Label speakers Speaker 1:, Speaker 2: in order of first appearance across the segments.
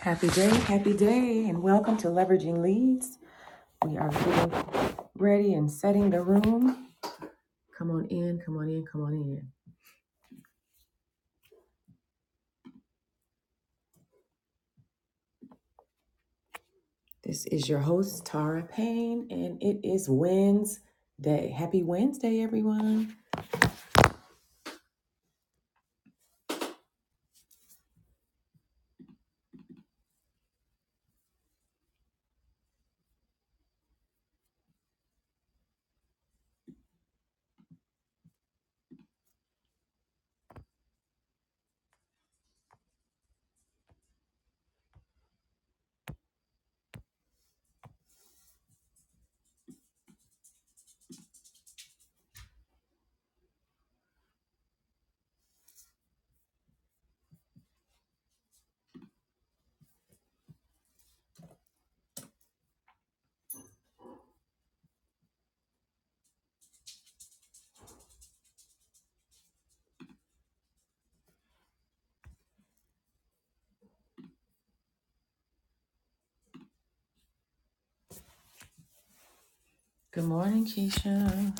Speaker 1: Happy day, happy day, and welcome to Leveraging Leads. We are getting ready and setting the room. Come on in, come on in, come on in. This is your host, Tara Payne, and it is Wednesday. Happy Wednesday, everyone. Good morning, Keisha.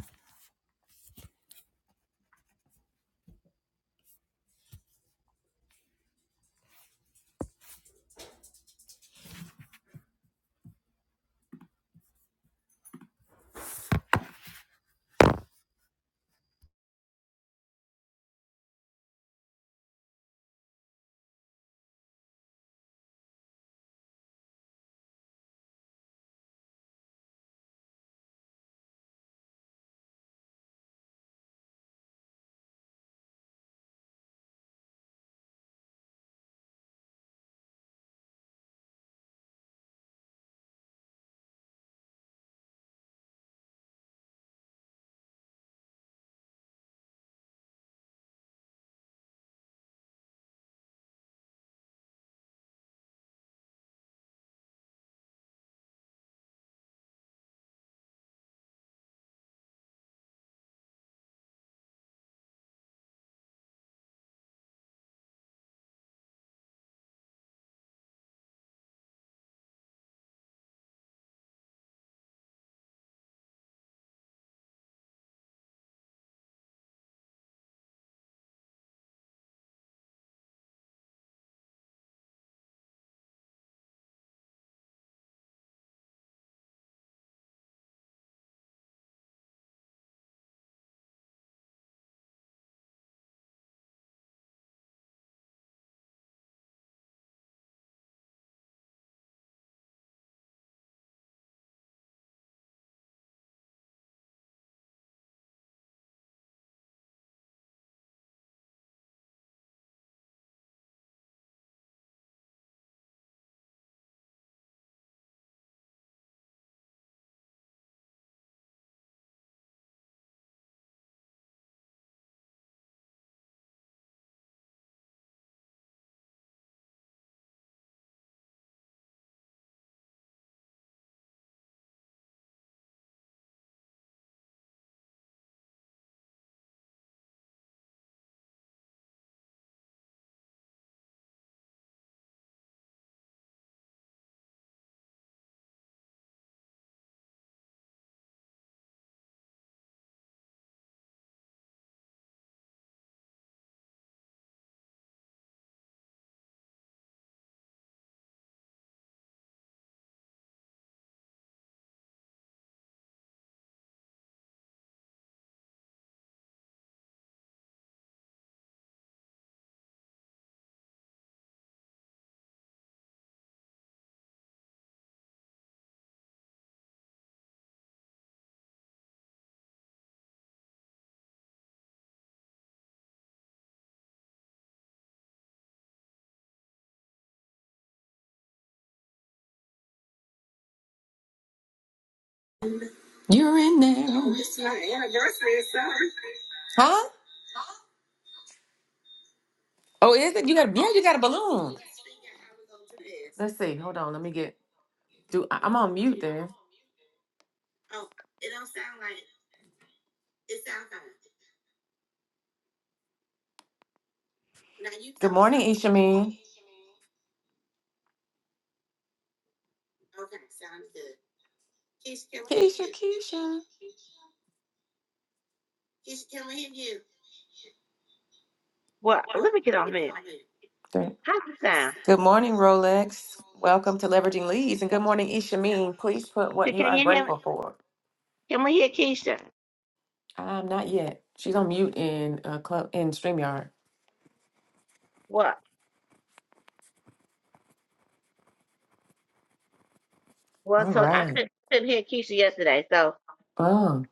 Speaker 1: You're in there. Oh, it's my anniversary, sorry. Huh? Oh, is it? You got yeah, you got a balloon. Let's see. Hold on. Let me get do I- I'm on mute there. Good morning, Ishamine. Keisha, Keisha.
Speaker 2: What? Let me get off mute.
Speaker 1: Great.
Speaker 2: How's it sound?
Speaker 1: Good morning, Rolex. Welcome to Leveraging Leads. And good morning, Ishameen. Please put what
Speaker 2: Can
Speaker 1: you
Speaker 2: can
Speaker 1: are
Speaker 2: you hear me?
Speaker 1: grateful for.
Speaker 2: Can we hear Keisha?
Speaker 1: Um, not yet. She's on mute in uh, club in StreamYard.
Speaker 2: What? Well,
Speaker 1: All
Speaker 2: so I
Speaker 1: right.
Speaker 2: couldn't, couldn't hear Keisha yesterday, so
Speaker 1: Oh,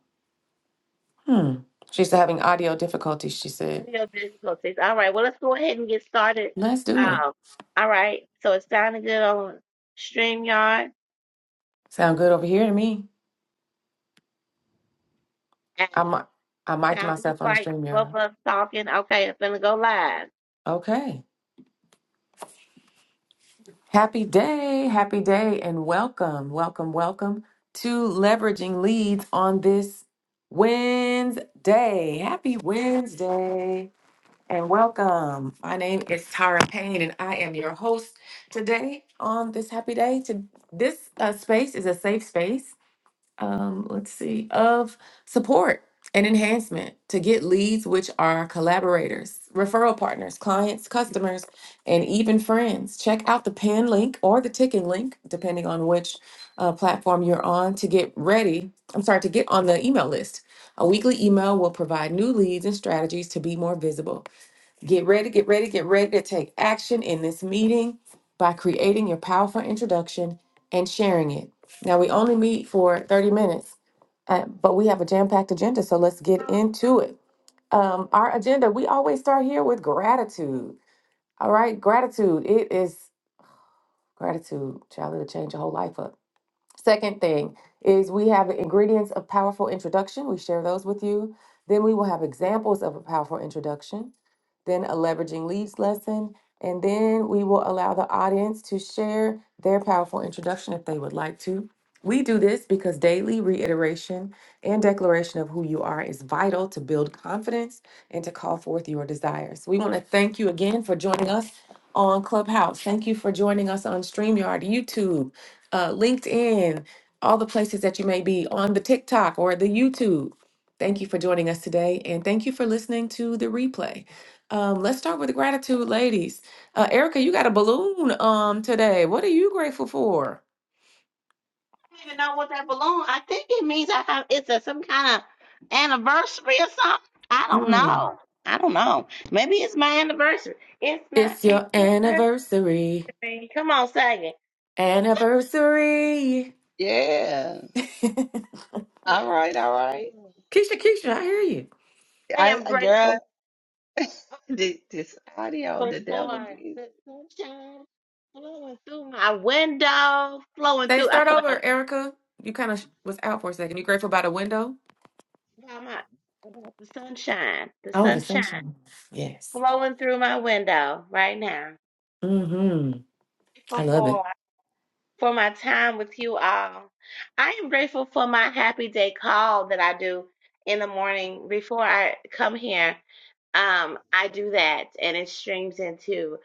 Speaker 1: hmm. She's having audio difficulties, she said.
Speaker 2: real difficulties. All right, well, let's go ahead and get started.
Speaker 1: Let's do it.
Speaker 2: Um, all right, so it's sounding good on StreamYard
Speaker 1: Sound good over here to me.
Speaker 2: and
Speaker 1: I, mi- I mic'd
Speaker 2: sound looks
Speaker 1: myself on
Speaker 2: like both of
Speaker 1: StreamYard.
Speaker 2: us talking. Okay, I'm gonna go live.
Speaker 1: Okay. Happy day, happy day, and welcome, welcome, welcome to Leveraging Leads on this Wednesday. Happy Wednesday, and welcome. My name is Tara Payne, and I am your host today on this happy day. To, this uh, space is a safe space um, let's see, of support and enhancement to get leads, which are collaborators, referral partners, clients, customers, and even friends. Check out the pin link or the ticking link, depending on which uh, platform you're on, to get ready. I'm sorry, to get on the email list. A weekly email will provide new leads and strategies to be more visible. Get ready, get ready, get ready to take action in this meeting by creating your powerful introduction and sharing it. Now, we only meet for 30 minutes, uh, but we have a jam packed agenda, so let's get into it. Um, our agenda, we always start here with gratitude. All right, gratitude. It is gratitude. Child, it'll change your whole life up. Second thing is we have the ingredients of powerful introduction. We share those with you. Then we will have examples of a powerful introduction, then a leveraging leads lesson, and then we will allow the audience to share their powerful introduction if they would like to. We do this because daily reiteration and declaration of who you are is vital to build confidence and to call forth your desires. We want to thank you again for joining us on Clubhouse. Thank you for joining us on StreamYard, YouTube uh, LinkedIn, all the places that you may be on the TikTok or the YouTube. Thank you for joining us today, and thank you for listening to the replay. Um, let's start with the gratitude, ladies. Uh, Erica, you got a balloon um today. What are you grateful for?
Speaker 2: don't even know what that balloon. I think it means I have. It's a, some kind of anniversary or something. I don't
Speaker 1: Mm,
Speaker 2: know. I don't know. Maybe it's my anniversary. It's my
Speaker 1: it's your
Speaker 2: anniversary.
Speaker 1: anniversary,
Speaker 2: Come on, sing it.
Speaker 1: anniversary.
Speaker 3: Yeah.
Speaker 1: Keisha,
Speaker 3: All
Speaker 2: Yes,
Speaker 3: right. All right.
Speaker 1: Keisha, I hear you.
Speaker 2: I
Speaker 3: I,
Speaker 2: am
Speaker 3: I girl,
Speaker 2: grateful
Speaker 3: thi- this audio,
Speaker 2: for the
Speaker 3: the devil
Speaker 2: sunshine
Speaker 3: be.
Speaker 2: flowing through my window, flowing
Speaker 1: Say,
Speaker 2: through. I
Speaker 1: start
Speaker 2: feel like I'm
Speaker 1: over, Erica. You kind of was out for a second. You grateful about a window?
Speaker 2: talking about my about the sunshine. The
Speaker 1: Oh, the
Speaker 2: sunshine
Speaker 1: sunshine. Yes.
Speaker 2: flowing through my window right now.
Speaker 1: I
Speaker 2: Grateful
Speaker 1: love it.
Speaker 2: For. for my time with you all. I am grateful for my happy day call that I do in the morning before I come here um i do that and it streams into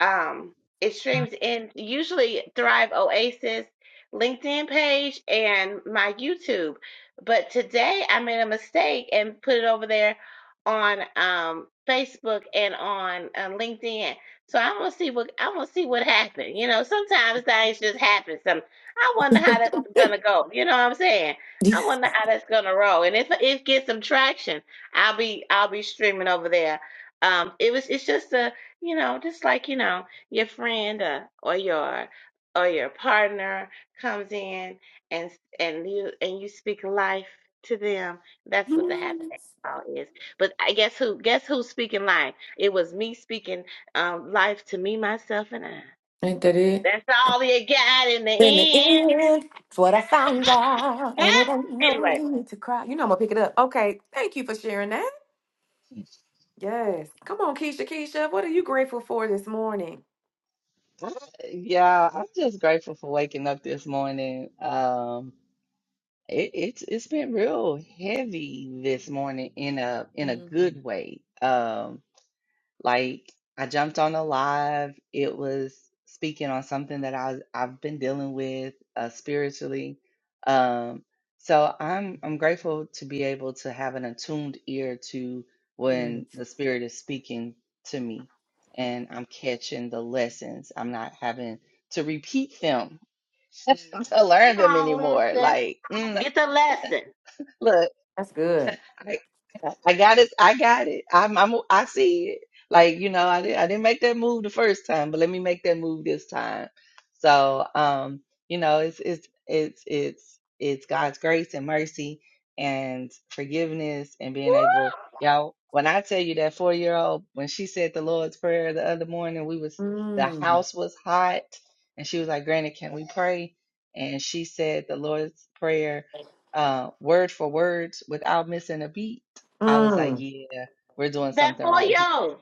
Speaker 2: um it streams in usually thrive oasis linkedin page and my youtube but today i made a mistake and put it over there on um facebook and on uh, linkedin so i'm gonna see what i'm gonna see what happened you know sometimes things just happen some i wonder how that's gonna go you know what i'm saying i wonder how that's gonna roll and if it gets some traction I'll be I'll be streaming over there. Um, it was it's just a you know just like you know your friend uh, or your or your partner comes in and and you and you speak life to them. That's what the happy hour is. But I guess who guess who's speaking life? It was me speaking um life to me myself and I.
Speaker 1: Ain't that it?
Speaker 2: That's all you got in the
Speaker 1: In the
Speaker 2: end.
Speaker 1: end, it's what I found out, and it ain't no
Speaker 2: anyway,
Speaker 1: need to cry. You know I'm gonna pick it up. Okay, thank you for sharing that. Yes, come on, Keisha. Keisha, what are you grateful for this morning?
Speaker 3: Yeah, I'm just grateful for waking up this morning. Um, it, it's it's been real heavy this morning in a in a
Speaker 1: Mm,
Speaker 3: good way. Um, Like I jumped on a live. It was speaking on something that I was, I've been dealing with uh, spiritually. Um, so I'm I'm grateful to be able to have an attuned ear to
Speaker 1: mm,
Speaker 3: when the spirit is speaking to me, and I'm catching the lessons. I'm not having to repeat them
Speaker 1: mm.
Speaker 3: to
Speaker 2: come
Speaker 3: learn them
Speaker 2: on,
Speaker 3: anymore.
Speaker 2: lesson.
Speaker 3: Like mm,
Speaker 2: Get the lesson.
Speaker 3: look.
Speaker 1: That's good.
Speaker 3: I, I got it. I got it. I'm, I'm, I see it. Like, you know, I didn't, I didn't make that move the first time, but let me make that move this time. So, um, you know, it's, it's, it's, it's, it's God's grace and mercy and forgiveness and being able,
Speaker 2: Woo!
Speaker 3: y'all, when I tell you that four year old, when she said the Lord's Prayer the other morning, we was, the
Speaker 1: Mm,
Speaker 3: house was hot and she was like, Granny, can we pray? And she said the Lord's Prayer uh, word for word without missing a beat, I was like,
Speaker 1: mm.
Speaker 3: yeah, we're doing
Speaker 2: That
Speaker 3: something
Speaker 2: for
Speaker 3: right here.
Speaker 2: yo,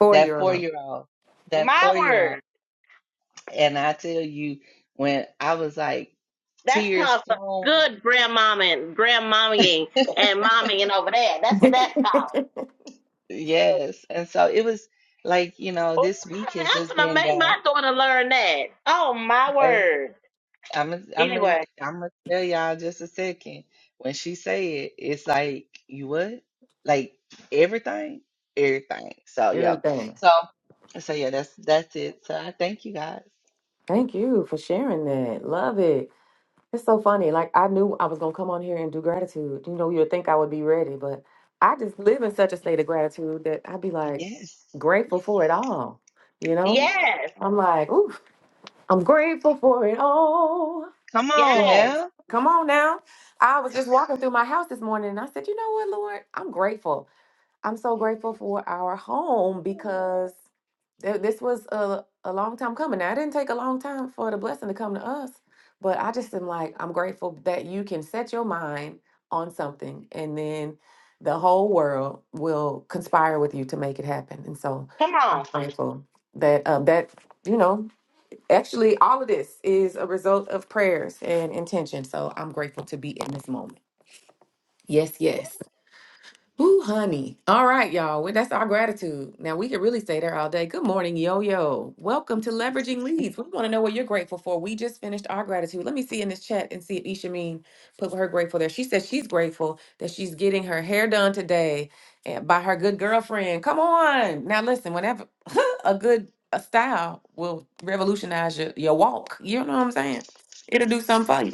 Speaker 1: Four
Speaker 3: That
Speaker 1: year
Speaker 3: four
Speaker 1: old.
Speaker 3: year old, that
Speaker 2: my
Speaker 3: four year old.
Speaker 2: word.
Speaker 3: And I tell you, when I was like,
Speaker 2: That's
Speaker 3: tears
Speaker 2: called for
Speaker 3: flowing.
Speaker 2: good grandmama and grandmommying and mommying over there. That's what that's called.
Speaker 3: Yes. And so it was like, you know,
Speaker 2: Oh,
Speaker 3: this week has just
Speaker 2: I'm gonna
Speaker 3: been
Speaker 2: make my daughter learn that. Oh my
Speaker 3: that.
Speaker 2: word.
Speaker 3: I'm gonna I'm gonna
Speaker 2: Anyway,
Speaker 3: I'm gonna tell y'all just a second. When she say it, it's like you what? Like everything, everything. So yeah.
Speaker 1: Everything.
Speaker 3: So so yeah, that's that's it. So I thank you guys.
Speaker 1: Thank you for sharing that. Love it. It's so funny. Like I knew I was gonna come on here and do gratitude. You know, you would think I would be ready, but I just live in such a state of gratitude that I'd be like
Speaker 3: Yes,
Speaker 1: grateful
Speaker 3: yes,
Speaker 1: for it all. You know,
Speaker 3: yes.
Speaker 2: yes,
Speaker 1: I'm like, ooh, I'm grateful for it all.
Speaker 3: Come on
Speaker 2: yes.
Speaker 3: now.
Speaker 1: Come on now. I was just walking through my house this morning and I said, you know what, Lord, I'm grateful. I'm so grateful for our home because th- this was a, a long time coming. Now, it didn't take a long time for the blessing to come to us, but I just am like, I'm grateful that you can set your mind on something and then the whole world will conspire with you to make it happen. And so
Speaker 2: Come on.
Speaker 1: I'm grateful that, uh, that you know, actually, all of this is a result of prayers and intention. So I'm grateful to be in this moment. Yes, yes. Ooh, honey. All right, y'all. Well, that's our gratitude. Now we could really stay there all day. Good morning, yo yo. Welcome to Leveraging Leads. We want to know what you're grateful for. We just finished our gratitude. Let me see in this chat and see if Ishameen put her grateful there. She says she's grateful that she's getting her hair done today eh, by her good girlfriend. Come on. Now listen, whenever a good a style will revolutionize your, your walk. You know what I'm saying? It'll do something for you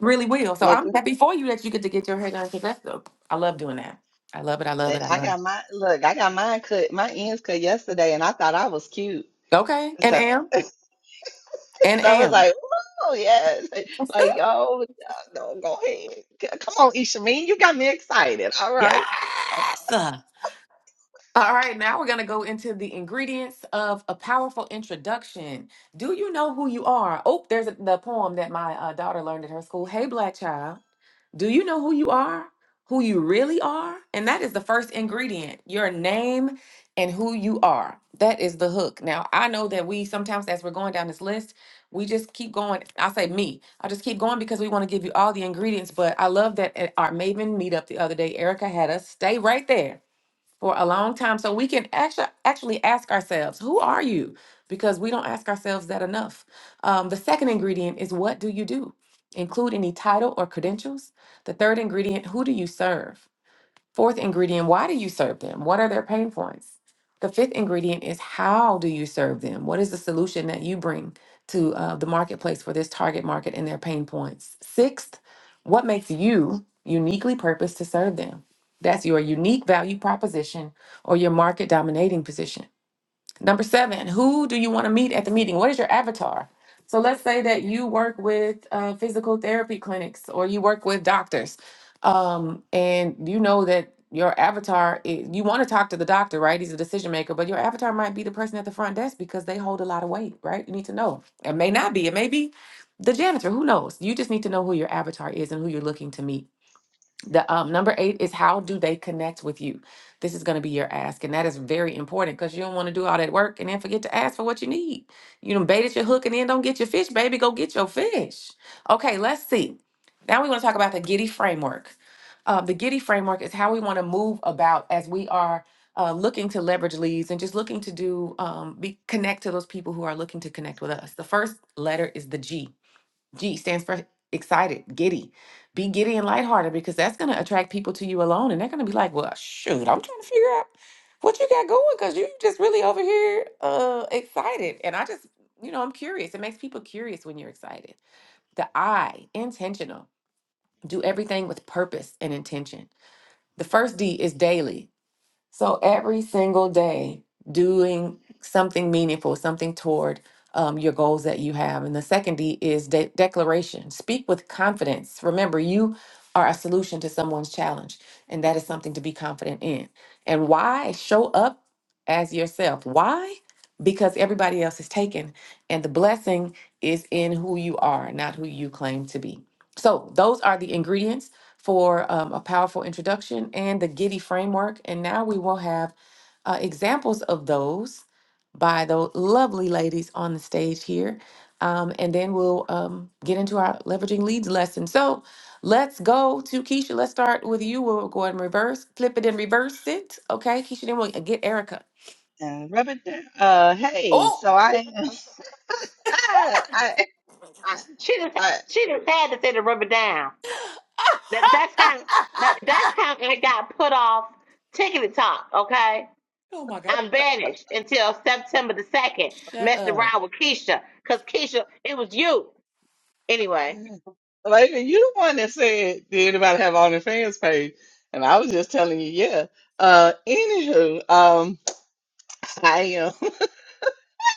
Speaker 1: really will. So
Speaker 3: Look,
Speaker 1: I'm happy for you that you get to get your hair done because that's the I love doing that. I love it. I love
Speaker 3: I
Speaker 1: it. I
Speaker 3: I
Speaker 1: love
Speaker 3: got
Speaker 1: it.
Speaker 3: my look. I got mine cut, my ends cut yesterday, and I thought I was cute.
Speaker 1: Okay. And
Speaker 3: So
Speaker 1: am and
Speaker 3: so I was
Speaker 1: am.
Speaker 3: like, oh yes, like oh no, go ahead. G- Come on, Isha, you got me excited. All right.
Speaker 1: yes. All right, now we're gonna go into the ingredients of a powerful introduction. Do you know who you are? Oh, there's a, the poem that my uh, daughter learned at her school. Hey, black child. Do you know who you are? Who you really are? And that is the first ingredient your name and who you are. That is the hook. Now, I know that we sometimes, as we're going down this list, we just keep going. I say me. I just keep going because we want to give you all the ingredients. But I love that at our Maven meetup the other day, Erica had us stay right there for a long time. So we can actually actually ask ourselves, who are you? Because we don't ask ourselves that enough. Um, the second ingredient is what do you do? Include any title or credentials. The third ingredient, who do you serve? Fourth ingredient, why do you serve them? What are their pain points? The fifth ingredient is how do you serve them? What is the solution that you bring to uh, the marketplace for this target market and their pain points? Sixth, what makes you uniquely purposed to serve them? That's your unique value proposition or your market dominating position. Number seven, who do you want to meet at the meeting? What is your avatar? So let's say that you work with uh, physical therapy clinics or you work with doctors, um, and you know that your avatar, is, you want to talk to the doctor, right? He's a decision maker, but your avatar might be the person at the front desk because they hold a lot of weight, right? You need to know. It may not be, it may be the janitor, who knows? You just need to know who your avatar is and who you're looking to meet. The um, number eight is how do they connect with you? This is going to be your ask, and that is very important because you don't want to do all that work and then forget to ask for what you need. You done baited your hook and then don't get your fish, baby. Go get your fish. Okay, let's see. Now we want to talk about the Giddy framework. Uh, the Giddy framework is how we want to move about as we are uh, looking to leverage leads and just looking to do um, be connect to those people who are looking to connect with us. The first letter is the G. G stands for excited, giddy. Be giddy and lighthearted because that's going to attract people to you alone. And they're going to be like, well, shoot, I'm trying to figure out what you got going because you just really over here uh, excited. And I just, you know, I'm curious. It makes people curious when you're excited. The I, intentional. Do everything with purpose and intention. The first D is daily. So every single day, doing something meaningful, something toward um, your goals that you have. And the second D is de- declaration. Speak with confidence. Remember, you are a solution to someone's challenge, and that is something to be confident in. And why? Show up as yourself. Why? Because everybody else is taken, and the blessing is in who you are, not who you claim to be. So, those are the ingredients for um, a powerful introduction and the Giddy framework. And now we will have uh, examples of those by the lovely ladies on the stage here. Um, and then we'll um, get into our leveraging leads lesson. So let's go to Keisha. Let's start with you. We'll go ahead and reverse, flip it and reverse it. Okay, Keisha, then we'll get Erica.
Speaker 3: Uh, rub it down. Uh, hey, so
Speaker 1: Oh!
Speaker 3: I, I, I,
Speaker 2: She just
Speaker 3: I,
Speaker 2: she just had to say the rubber down. That that's how that, that's how I got put off tickety talk. Okay,
Speaker 1: oh my God.
Speaker 2: I'm banished until September the 2nd,
Speaker 1: Shut
Speaker 2: messing
Speaker 1: up.
Speaker 2: around with Keisha. Because Keisha, it was you. Anyway.
Speaker 3: like you the one that said, did anybody have an OnlyFans page? And I was just telling you, yeah. Uh, anywho, um, I am,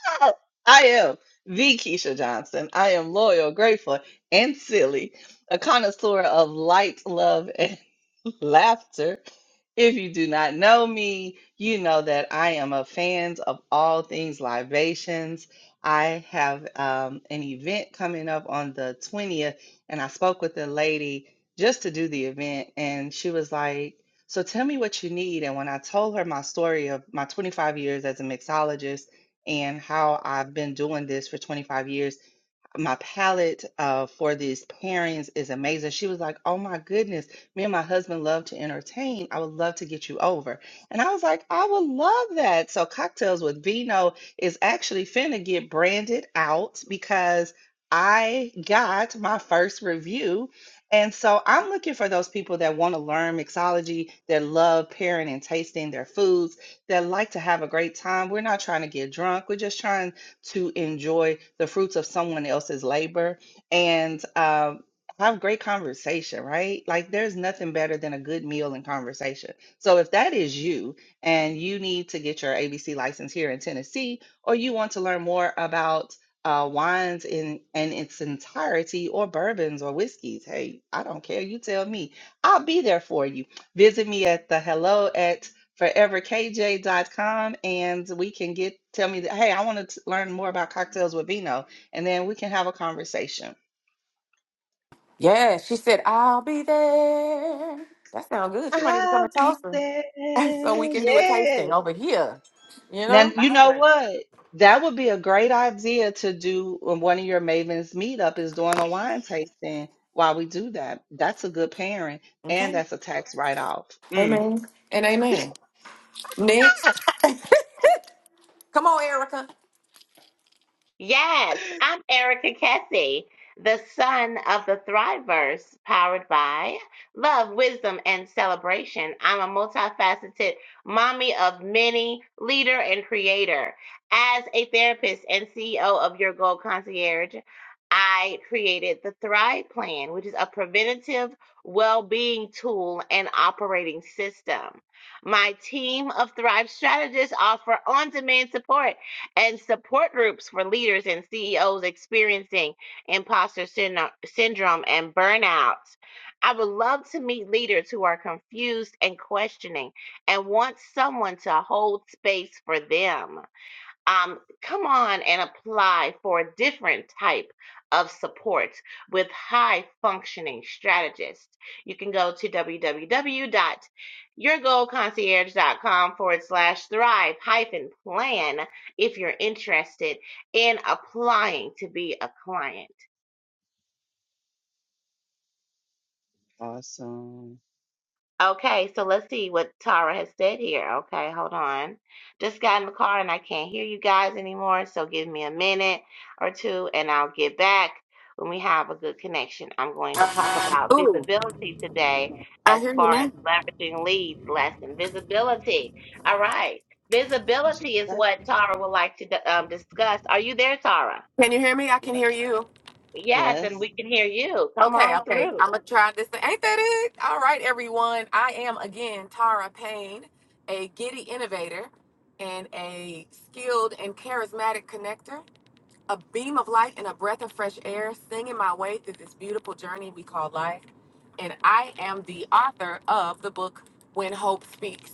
Speaker 3: I am the Keisha Johnson. I am loyal, grateful, and silly, a connoisseur of light, love, and laughter If you do not know me, you know that I am a fan of all things libations. I have um, an event coming up on the 20th, and I spoke with a lady just to do the event, and she was like, So tell me what you need. And when I told her my story of my 25 years as a mixologist and how I've been doing this for 25 years, my palette uh, for these pairings is amazing. She was like, Oh my goodness, me and my husband love to entertain. I would love to get you over. And I was like, I would love that. So, Cocktails with Vino is actually finna get branded out because I got my first review. And so I'm looking for those people that want to learn mixology, that love pairing and tasting their foods, that like to have a great time. We're not trying to get drunk. We're just trying to enjoy the fruits of someone else's labor and um, have great conversation, right? Like there's nothing better than a good meal and conversation. So if that is you and you need to get your ABC license here in Tennessee, or you want to learn more about uh, wines in, in its entirety or bourbons or whiskeys, hey, I don't care. You tell me. I'll be there for you. Visit me at the hello at forever k j dot com, and we can get tell me that hey i want to learn more about cocktails with vino and then we can have a conversation
Speaker 1: Yeah, she said, I'll be there. That sounds good. You might need to come
Speaker 3: i'll
Speaker 1: to
Speaker 3: be
Speaker 1: Tulsa
Speaker 3: there
Speaker 1: so we can do a tasting
Speaker 3: yeah
Speaker 1: over here. You
Speaker 3: now
Speaker 1: know?
Speaker 3: you know what that would be a great idea to do on one of your mavens meetup is doing a wine tasting while we do that that's a good pairing
Speaker 1: Okay.
Speaker 3: and that's a tax write-off Mm.
Speaker 1: Amen. And amen. Next. Come on, Erica.
Speaker 2: Yes, I'm Erica Kessie, the son of the Thriverse, powered by love, wisdom, and celebration. I'm a multifaceted mommy of many, leader and creator. As a therapist and CEO of Your Goal Concierge, I created the Thrive Plan, which is a preventative well being tool and operating system. My team of Thrive strategists offer on demand support and support groups for leaders and CEOs experiencing imposter syno- syndrome and burnout. I would love to meet leaders who are confused and questioning and want someone to hold space for them um, come on and apply for a different type of support with high functioning strategists. You can go to www.yourgoalconcierge.com forward slash thrive hyphen plan if you're interested in applying to be a client.
Speaker 3: awesome
Speaker 2: Okay, so let's see what Tara has said here. Okay, hold on. Just got in the car and I can't hear you guys anymore, so give me a minute or two and I'll get back when we have a good connection. I'm going to talk about
Speaker 1: Ooh,
Speaker 2: visibility today
Speaker 1: I
Speaker 2: as
Speaker 1: hear you
Speaker 2: far as
Speaker 1: now.
Speaker 2: leveraging leads lesson. Visibility. All right.
Speaker 3: She
Speaker 2: Visibility is
Speaker 3: said,
Speaker 2: what Tara would like to d- um, discuss. Are you there, Tara?
Speaker 1: Can you hear me? I can
Speaker 3: yeah,
Speaker 1: hear you.
Speaker 2: Yes, and
Speaker 3: yes
Speaker 2: we can hear you. Come
Speaker 1: Okay,
Speaker 2: on
Speaker 1: okay.
Speaker 2: through.
Speaker 1: I'm going to try this. Ain't that it? All right, everyone. I am again Tara Payne, a giddy innovator and a skilled and charismatic connector. a beam of light and a breath of fresh air, singing my way through this beautiful journey we call life. And I am the author of the book When Hope Speaks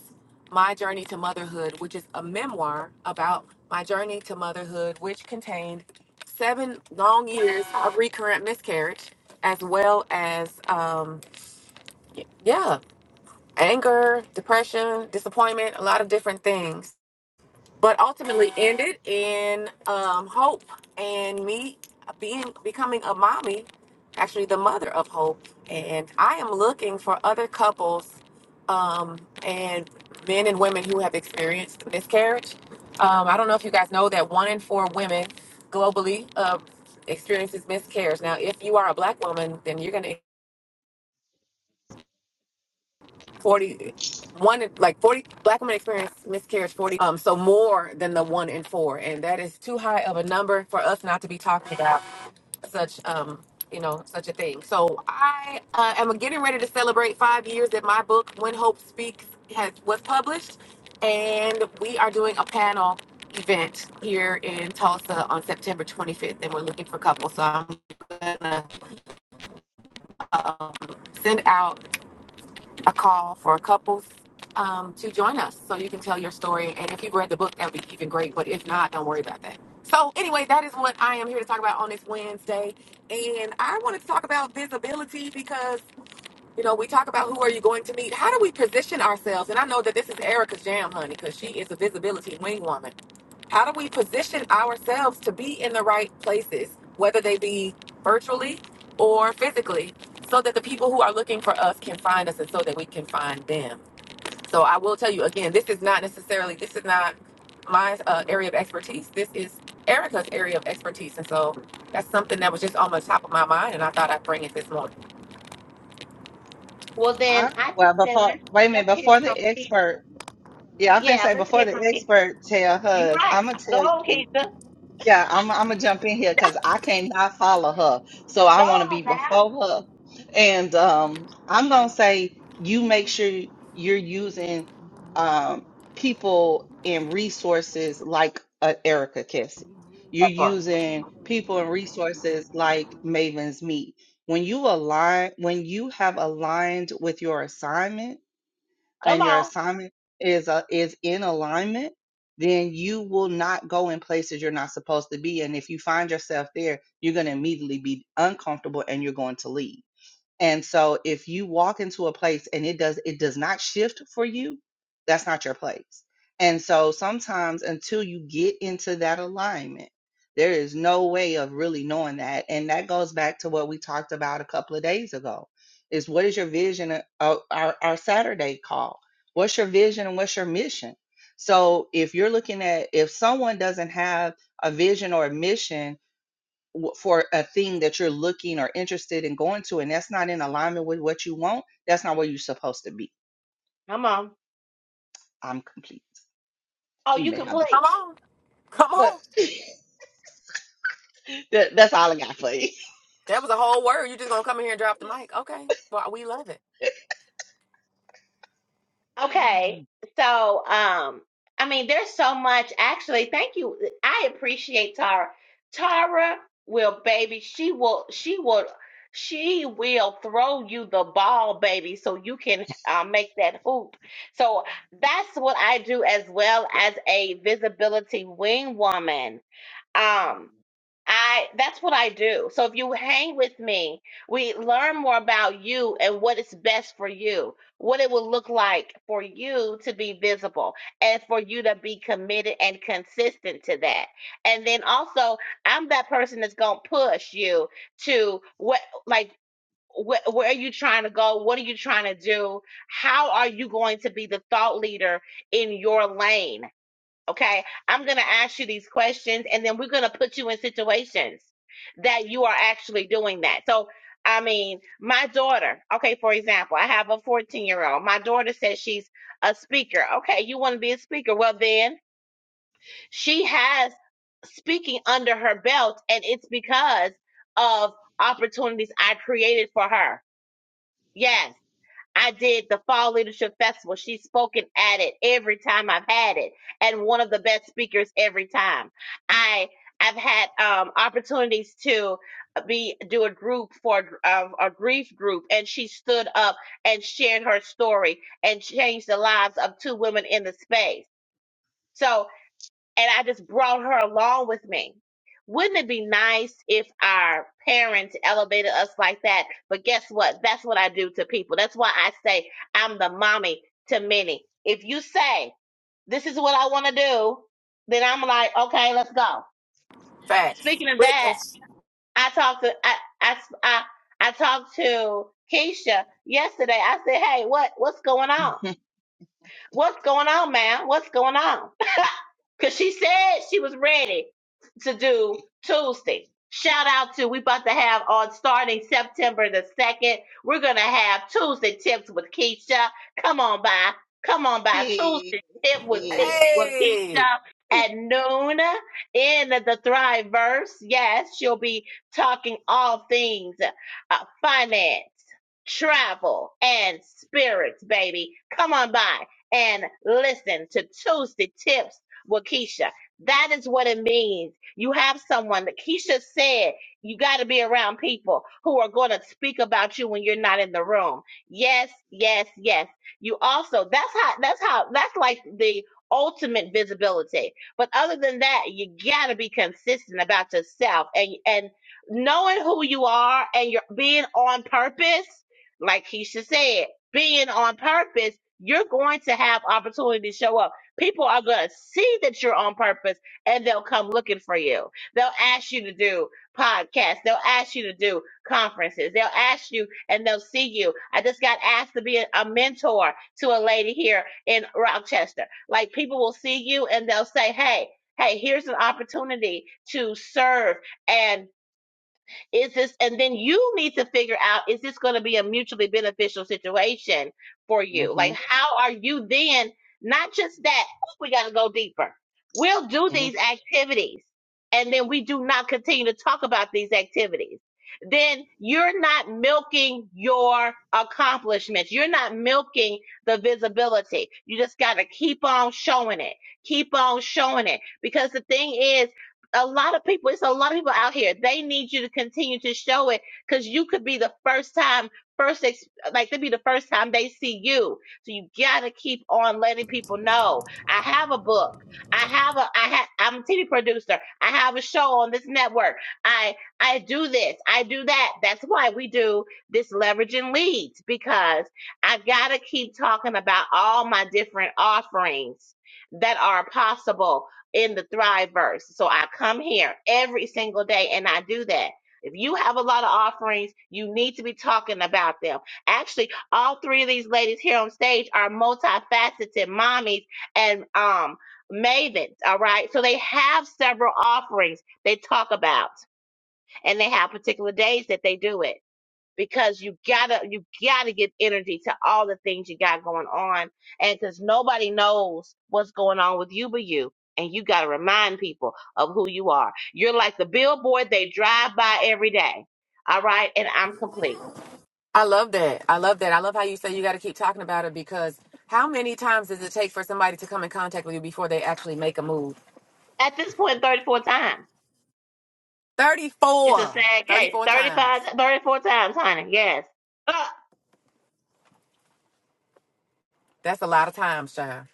Speaker 1: My Journey to Motherhood, which is a memoir about my journey to motherhood, which contained seven long years of recurrent miscarriage, as well as, um, yeah, anger, depression, disappointment, a lot of different things but ultimately ended in um, Hope and me being becoming a mommy, actually the mother of Hope. And I am looking for other couples um, and men and women who have experienced miscarriage. Um, I don't know if you guys know that one in four women globally uh, experiences miscarriage. Now, if you are a black woman, then you're going to Forty, one in- like 40 black women experience miscarriage 40 um so more than the one in four and that is too high of a number for us not to be talking about such um you know such a thing so i uh, am getting ready to celebrate five years that my book when hope speaks has was published and we are doing a panel event here in tulsa on september 25th and we're looking for couples so i'm gonna um, send out a call for couples um, to join us so you can tell your story. And if you've read the book, that would be even great. But if not, don't worry about that. So, anyway, that is what I am here to talk about on this Wednesday. And I wanted to talk about visibility because, you know, we talk about who are you going to meet? How do we position ourselves? And I know that this is Erica's jam, honey, because she is a visibility wing woman how do we position ourselves to be in the right places, whether they be virtually or physically, so that the people who are looking for us can find us and so that we can find them? So I will tell you again, this is not necessarily, this is not my uh, area of expertise. This is Erica's area of expertise. And so that's something that was just on the top of my mind and I thought I'd bring it this morning.
Speaker 2: Well, then
Speaker 3: I,
Speaker 2: I just
Speaker 3: well
Speaker 2: said
Speaker 3: before
Speaker 2: let's,
Speaker 3: wait a minute
Speaker 2: let's hear
Speaker 3: before the
Speaker 2: from you.
Speaker 3: expert Yeah, I'm finna
Speaker 2: Yeah,
Speaker 3: say
Speaker 2: let's
Speaker 3: before
Speaker 2: hear
Speaker 3: the
Speaker 2: from Keisha.
Speaker 3: expert tell
Speaker 2: You
Speaker 3: hers, I'm
Speaker 2: right.
Speaker 3: gonna
Speaker 2: Go
Speaker 3: tell
Speaker 2: on,
Speaker 3: you.
Speaker 2: Keisha.
Speaker 3: Yeah, I'm I'm gonna jump in here because I cannot follow her, so I
Speaker 2: Go
Speaker 3: want to be
Speaker 2: on now.
Speaker 3: before her. And um, I'm gonna say you make sure you're using um, people and resources like uh, Erica Kessie. You're
Speaker 1: That's all.
Speaker 3: using people and resources like Maven's Meet. When you align, when you have aligned with your assignment
Speaker 2: Come
Speaker 3: and your
Speaker 2: on.
Speaker 3: assignment is uh, is in alignment, then you will not go in places you're not supposed to be. And if you find yourself there, you're going to immediately be uncomfortable and you're going to leave. And so if you walk into a place and it does it does not shift for you, that's not your place. And so sometimes until you get into that alignment, there is no way of really knowing that. And that goes back to what we talked about a couple of days ago. Is what is your vision of of our, our Saturday call? What's your vision and what's your mission? So if you're looking at if someone doesn't have a vision or a mission w- for a thing that you're looking or interested in going to, and that's not in alignment with what you want, that's not where you're supposed to be.
Speaker 2: Come on.
Speaker 3: I'm complete.
Speaker 2: Oh,
Speaker 3: You
Speaker 2: you
Speaker 3: may have the f-
Speaker 2: complete.
Speaker 1: Come on. Come
Speaker 3: but
Speaker 1: on.
Speaker 3: that, that's all I got for you.
Speaker 1: That was a whole word. you just going to come in here and drop the mic. Okay. Well, we love it.
Speaker 2: Okay. So, um, I mean, there's so much. Actually, thank you. I appreciate Tara. Tara will, baby. She will. She will. She will throw you the ball, baby, so you can uh, make that hoop. So that's what I do as well as a visibility wing woman. Um, I that's what I do. So if you hang with me, we learn more about you and what is best for you, what it will look like for you to be visible and for you to be committed and consistent to that. And then also, I'm that person that's going to push you to what like wh- where are you trying to go? What are you trying to do? How are you going to be the thought leader in your lane? Okay. I'm going to ask you these questions and then we're going to put you in situations that you are actually doing that. So, I mean, my daughter, okay, for example, I have a 14 year old. My daughter says she's a speaker. Okay. You want to be a speaker? Well, then she has speaking under her belt and it's because of opportunities I created for her. Yes. I did the Fall Leadership Festival. She's spoken at it every time I've had it, and one of the best speakers every time. I I've had um, opportunities to be do a group for uh, a grief group, and she stood up and shared her story and changed the lives of two women in the space. So and I just brought her along with me. Wouldn't it be nice if our parents elevated us like that? But guess what? That's what I do to people. That's why I say I'm the mommy to many. If you say, this is what I want to do, then I'm like, okay, let's go.
Speaker 1: Facts.
Speaker 2: Speaking of that,
Speaker 1: Witness.
Speaker 2: I talked to, I, I, I, I talked to Keisha yesterday. I said, hey, what, what's going on? What's going on, ma'am? What's going on? Cause she said she was ready to do Tuesday. Shout out to we about to have on starting September the second. We're gonna have Tuesday tips with Keisha. Come on by, come on by
Speaker 3: Yeah,
Speaker 2: Tuesday tip with
Speaker 3: yeah.
Speaker 2: T- with
Speaker 1: Hey,
Speaker 2: Keisha at noon in the Thriveverse. Yes, she'll be talking all things uh, finance travel and spirits, baby. Come on by and listen to Tuesday Tips with Keisha. That is what it means. You have someone that Keisha said you got to be around people who are going to speak about you when you're not in the room. Yes, yes, yes. You also, that's how, that's how, that's like the ultimate visibility. But other than that, you got to be consistent about yourself and, and knowing who you are and you're being on purpose like Keisha said, being on purpose, you're going to have opportunity to show up. People are going to see that you're on purpose and they'll come looking for you. They'll ask you to do podcasts. They'll ask you to do conferences. They'll ask you and they'll see you. I just got asked to be a, a mentor to a lady here in Rochester. Like people will see you and they'll say, Hey, hey, here's an opportunity to serve. And is this, and then you need to figure out, is this going to be a mutually beneficial situation for you?
Speaker 3: hmm
Speaker 2: Like, how are you then, not just that, oh, we got to go deeper. We'll do
Speaker 3: hmm
Speaker 2: these activities and then we do not continue to talk about these activities. Then you're not milking your accomplishments. You're not milking the visibility. You just got to keep on showing it. Keep on showing it. Because the thing is, a lot of people, it's a lot of people out here. They need you to continue to show it because you could be the first time, first, ex- like, it'd be the first time they see you. So you gotta keep on letting people know. I have a book. I have a, I ha I'm a TV producer. I have a show on this network. I, I do this. I do that. That's why we do this leveraging leads because I gotta keep talking about all my different offerings that are possible in the Thriveverse. So I come here every single day and I do that. If you have a lot of offerings, you need to be talking about them. Actually, all three of these ladies here on stage are multifaceted mommies and um mavens, all right? So they have several offerings they talk about and they have particular days that they do it because you gotta you gotta give energy to all the things you got going on and because nobody knows what's going on with you but you and you gotta remind people of who you are you're like the billboard they drive by every day all right and i'm complete
Speaker 1: I love that. I love that. I love how you say you got to keep talking about it because how many times does it take for somebody to come in contact with you before they actually make a move?
Speaker 2: at this point 34 times it's a
Speaker 1: 34.
Speaker 2: sad case
Speaker 1: 34
Speaker 2: Thirty
Speaker 1: times.
Speaker 2: five, 34 times honey yes Ah,
Speaker 1: That's a lot of times, child.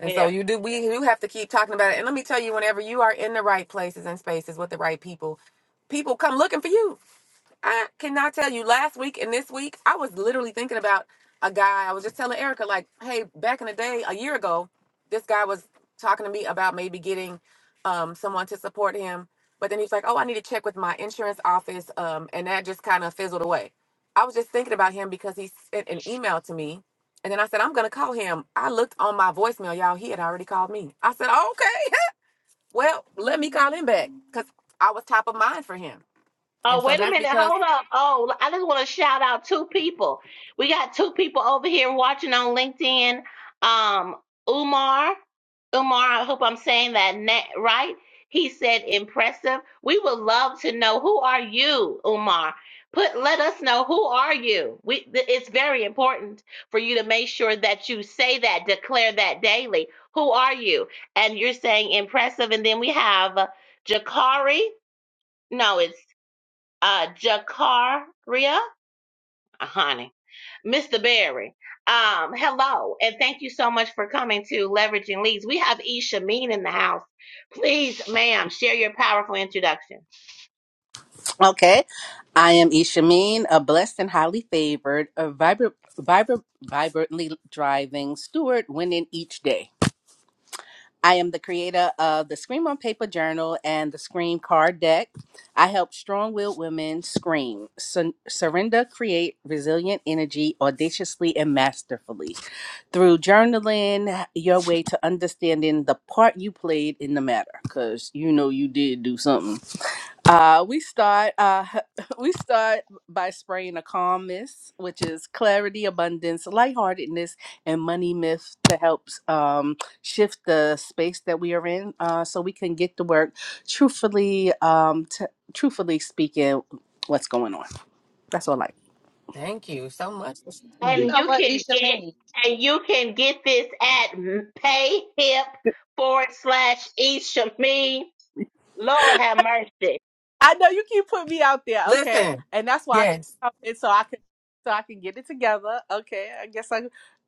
Speaker 1: And so
Speaker 2: yeah
Speaker 1: you do we do have to keep talking about it. And let me tell you, whenever you are in the right places and spaces with the right people, people come looking for you. I cannot tell you last week and this week, I was literally thinking about a guy. I was just telling Erica, like, hey, back in the day, a year ago, this guy was talking to me about maybe getting um, someone to support him. But then he's like, oh, I need to check with my insurance office. Um, and that just kind of fizzled away. I was just thinking about him because he sent an email to me. And then I said, I'm going to call him. I looked on my voicemail, y'all. He had already called me. I said, okay, well, let me call him back because I was top of mind for him. And
Speaker 2: Oh,
Speaker 1: so
Speaker 2: wait a
Speaker 1: that's
Speaker 2: minute.
Speaker 1: because.
Speaker 2: Hold up. Oh, I just want to shout out two people. We got two people over here watching on LinkedIn. Um, Umar, Umar, I hope I'm saying that na- right. He said impressive. We would love to know who are you, Umar? Put let us know who are you. We th- it's very important for you to make sure that you say that, declare that daily. Who are you? And you're saying impressive and then we have uh, Jakari. No, it's uh, Jakaria, uh, honey, Mr. Barry. Um, hello, and thank you so much for coming to Leveraging Leads. We have Isha Mean in the house. Please, ma'am, share your powerful introduction.
Speaker 4: Okay. I am Ishameen, a blessed and highly favored, a vibrant, vibrant, vibrantly driving steward winning each day. I am the creator of the Scream on Paper Journal and the Scream Card Deck. I help strong willed women scream, sur- surrender, create resilient energy audaciously and masterfully through journaling your way to understanding the part you played in the matter. Because you know you did do something uh, we start uh, we start by spraying a calm mist, which is clarity, abundance, lightheartedness, and money myth to help um, shift the space that we are in, uh, so we can get to work truthfully. Um, t- truthfully speaking, what's going on? That's all Like,
Speaker 1: Thank you so much.
Speaker 3: You
Speaker 2: And
Speaker 3: know
Speaker 2: you
Speaker 3: what,
Speaker 2: can
Speaker 3: Isha
Speaker 2: get
Speaker 3: mean?
Speaker 2: and you can get this at payhip forward slash Isha Mean. Lord have mercy. It,
Speaker 4: I know you keep putting me out there, okay,
Speaker 1: Listen,
Speaker 4: and that's why I keep
Speaker 1: yes.
Speaker 4: coming so I can so I can get it together. Okay, I guess I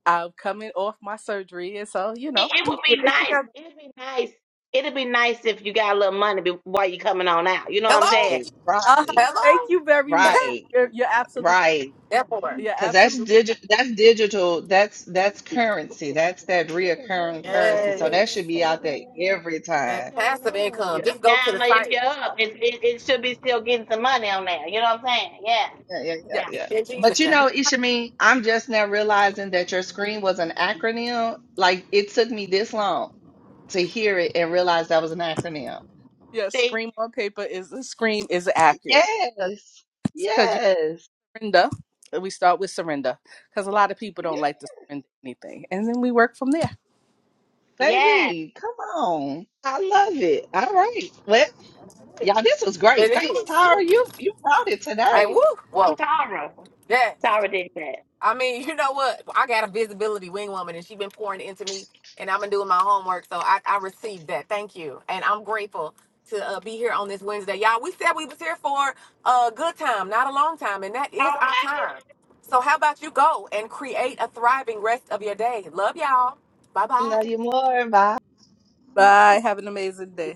Speaker 4: I'm coming off my surgery, and so you know
Speaker 2: it
Speaker 4: I'm
Speaker 2: would be
Speaker 4: getting it
Speaker 2: nice.
Speaker 4: together.
Speaker 2: It'd be nice. It'd be nice if you got a little money be- while you coming on out. You know what I'm
Speaker 1: Hello?
Speaker 2: saying?
Speaker 3: Right,
Speaker 4: Uh-huh.
Speaker 3: right,
Speaker 4: Thank
Speaker 1: Hello?
Speaker 4: you very much.
Speaker 3: right.
Speaker 4: You're you're absolutely
Speaker 3: Right.
Speaker 1: that part.
Speaker 4: you're
Speaker 3: Cause that's
Speaker 4: absolutely right.
Speaker 3: digital. That's digital. That's that's currency. That's that reoccurring currency. So that
Speaker 1: Yes.
Speaker 3: should be out there every
Speaker 1: That
Speaker 3: time.
Speaker 2: It don't
Speaker 1: passive
Speaker 2: matter. It
Speaker 1: income.
Speaker 4: Yeah,
Speaker 1: Just
Speaker 2: it
Speaker 1: go to
Speaker 2: don't
Speaker 1: the
Speaker 2: matter if you down or if
Speaker 1: site
Speaker 2: you're up. It, it it should be still getting some money on there. You know what I'm saying? Yeah,
Speaker 3: Yeah, yeah,
Speaker 4: yeah,
Speaker 3: yeah,
Speaker 2: yeah.
Speaker 3: yeah.
Speaker 1: in
Speaker 3: But
Speaker 4: thank
Speaker 1: Jesus'
Speaker 3: you
Speaker 1: name.
Speaker 3: know, Ishami, I'm just now realizing that your screen was an acronym. Like it took me this long to hear it and realize that was an acronym.
Speaker 4: you. yeah.
Speaker 2: See,
Speaker 4: Scream on paper is a scream is accurate
Speaker 3: Yes,
Speaker 4: because you
Speaker 3: yes,
Speaker 4: got surrender. and We start with surrender because a lot of people
Speaker 3: yeah,
Speaker 4: don't like to surrender anything, and then we work from there.
Speaker 2: yeah.
Speaker 3: baby, come on. I love it. All right. Well, y'all, this was great.
Speaker 1: It
Speaker 3: Thanks,
Speaker 1: is.
Speaker 3: Tara. You you brought it
Speaker 1: Like,
Speaker 3: today.
Speaker 1: woo. Whoa.
Speaker 2: Tara,
Speaker 1: Yeah.
Speaker 2: Tara did that.
Speaker 1: I mean, you know what? I got a visibility wing woman, and she been pouring into me, and I've been doing my homework, so I, I received that. Thank you, and I'm grateful to uh, be here on this Wednesday, y'all. We said we was here for a good time, not a long time, and that is
Speaker 2: All
Speaker 1: our
Speaker 2: right.
Speaker 1: time. So how about you go and create a thriving rest of your day? Love y'all. Bye bye.
Speaker 3: Love you more. Bye.
Speaker 4: Bye. Have an amazing day.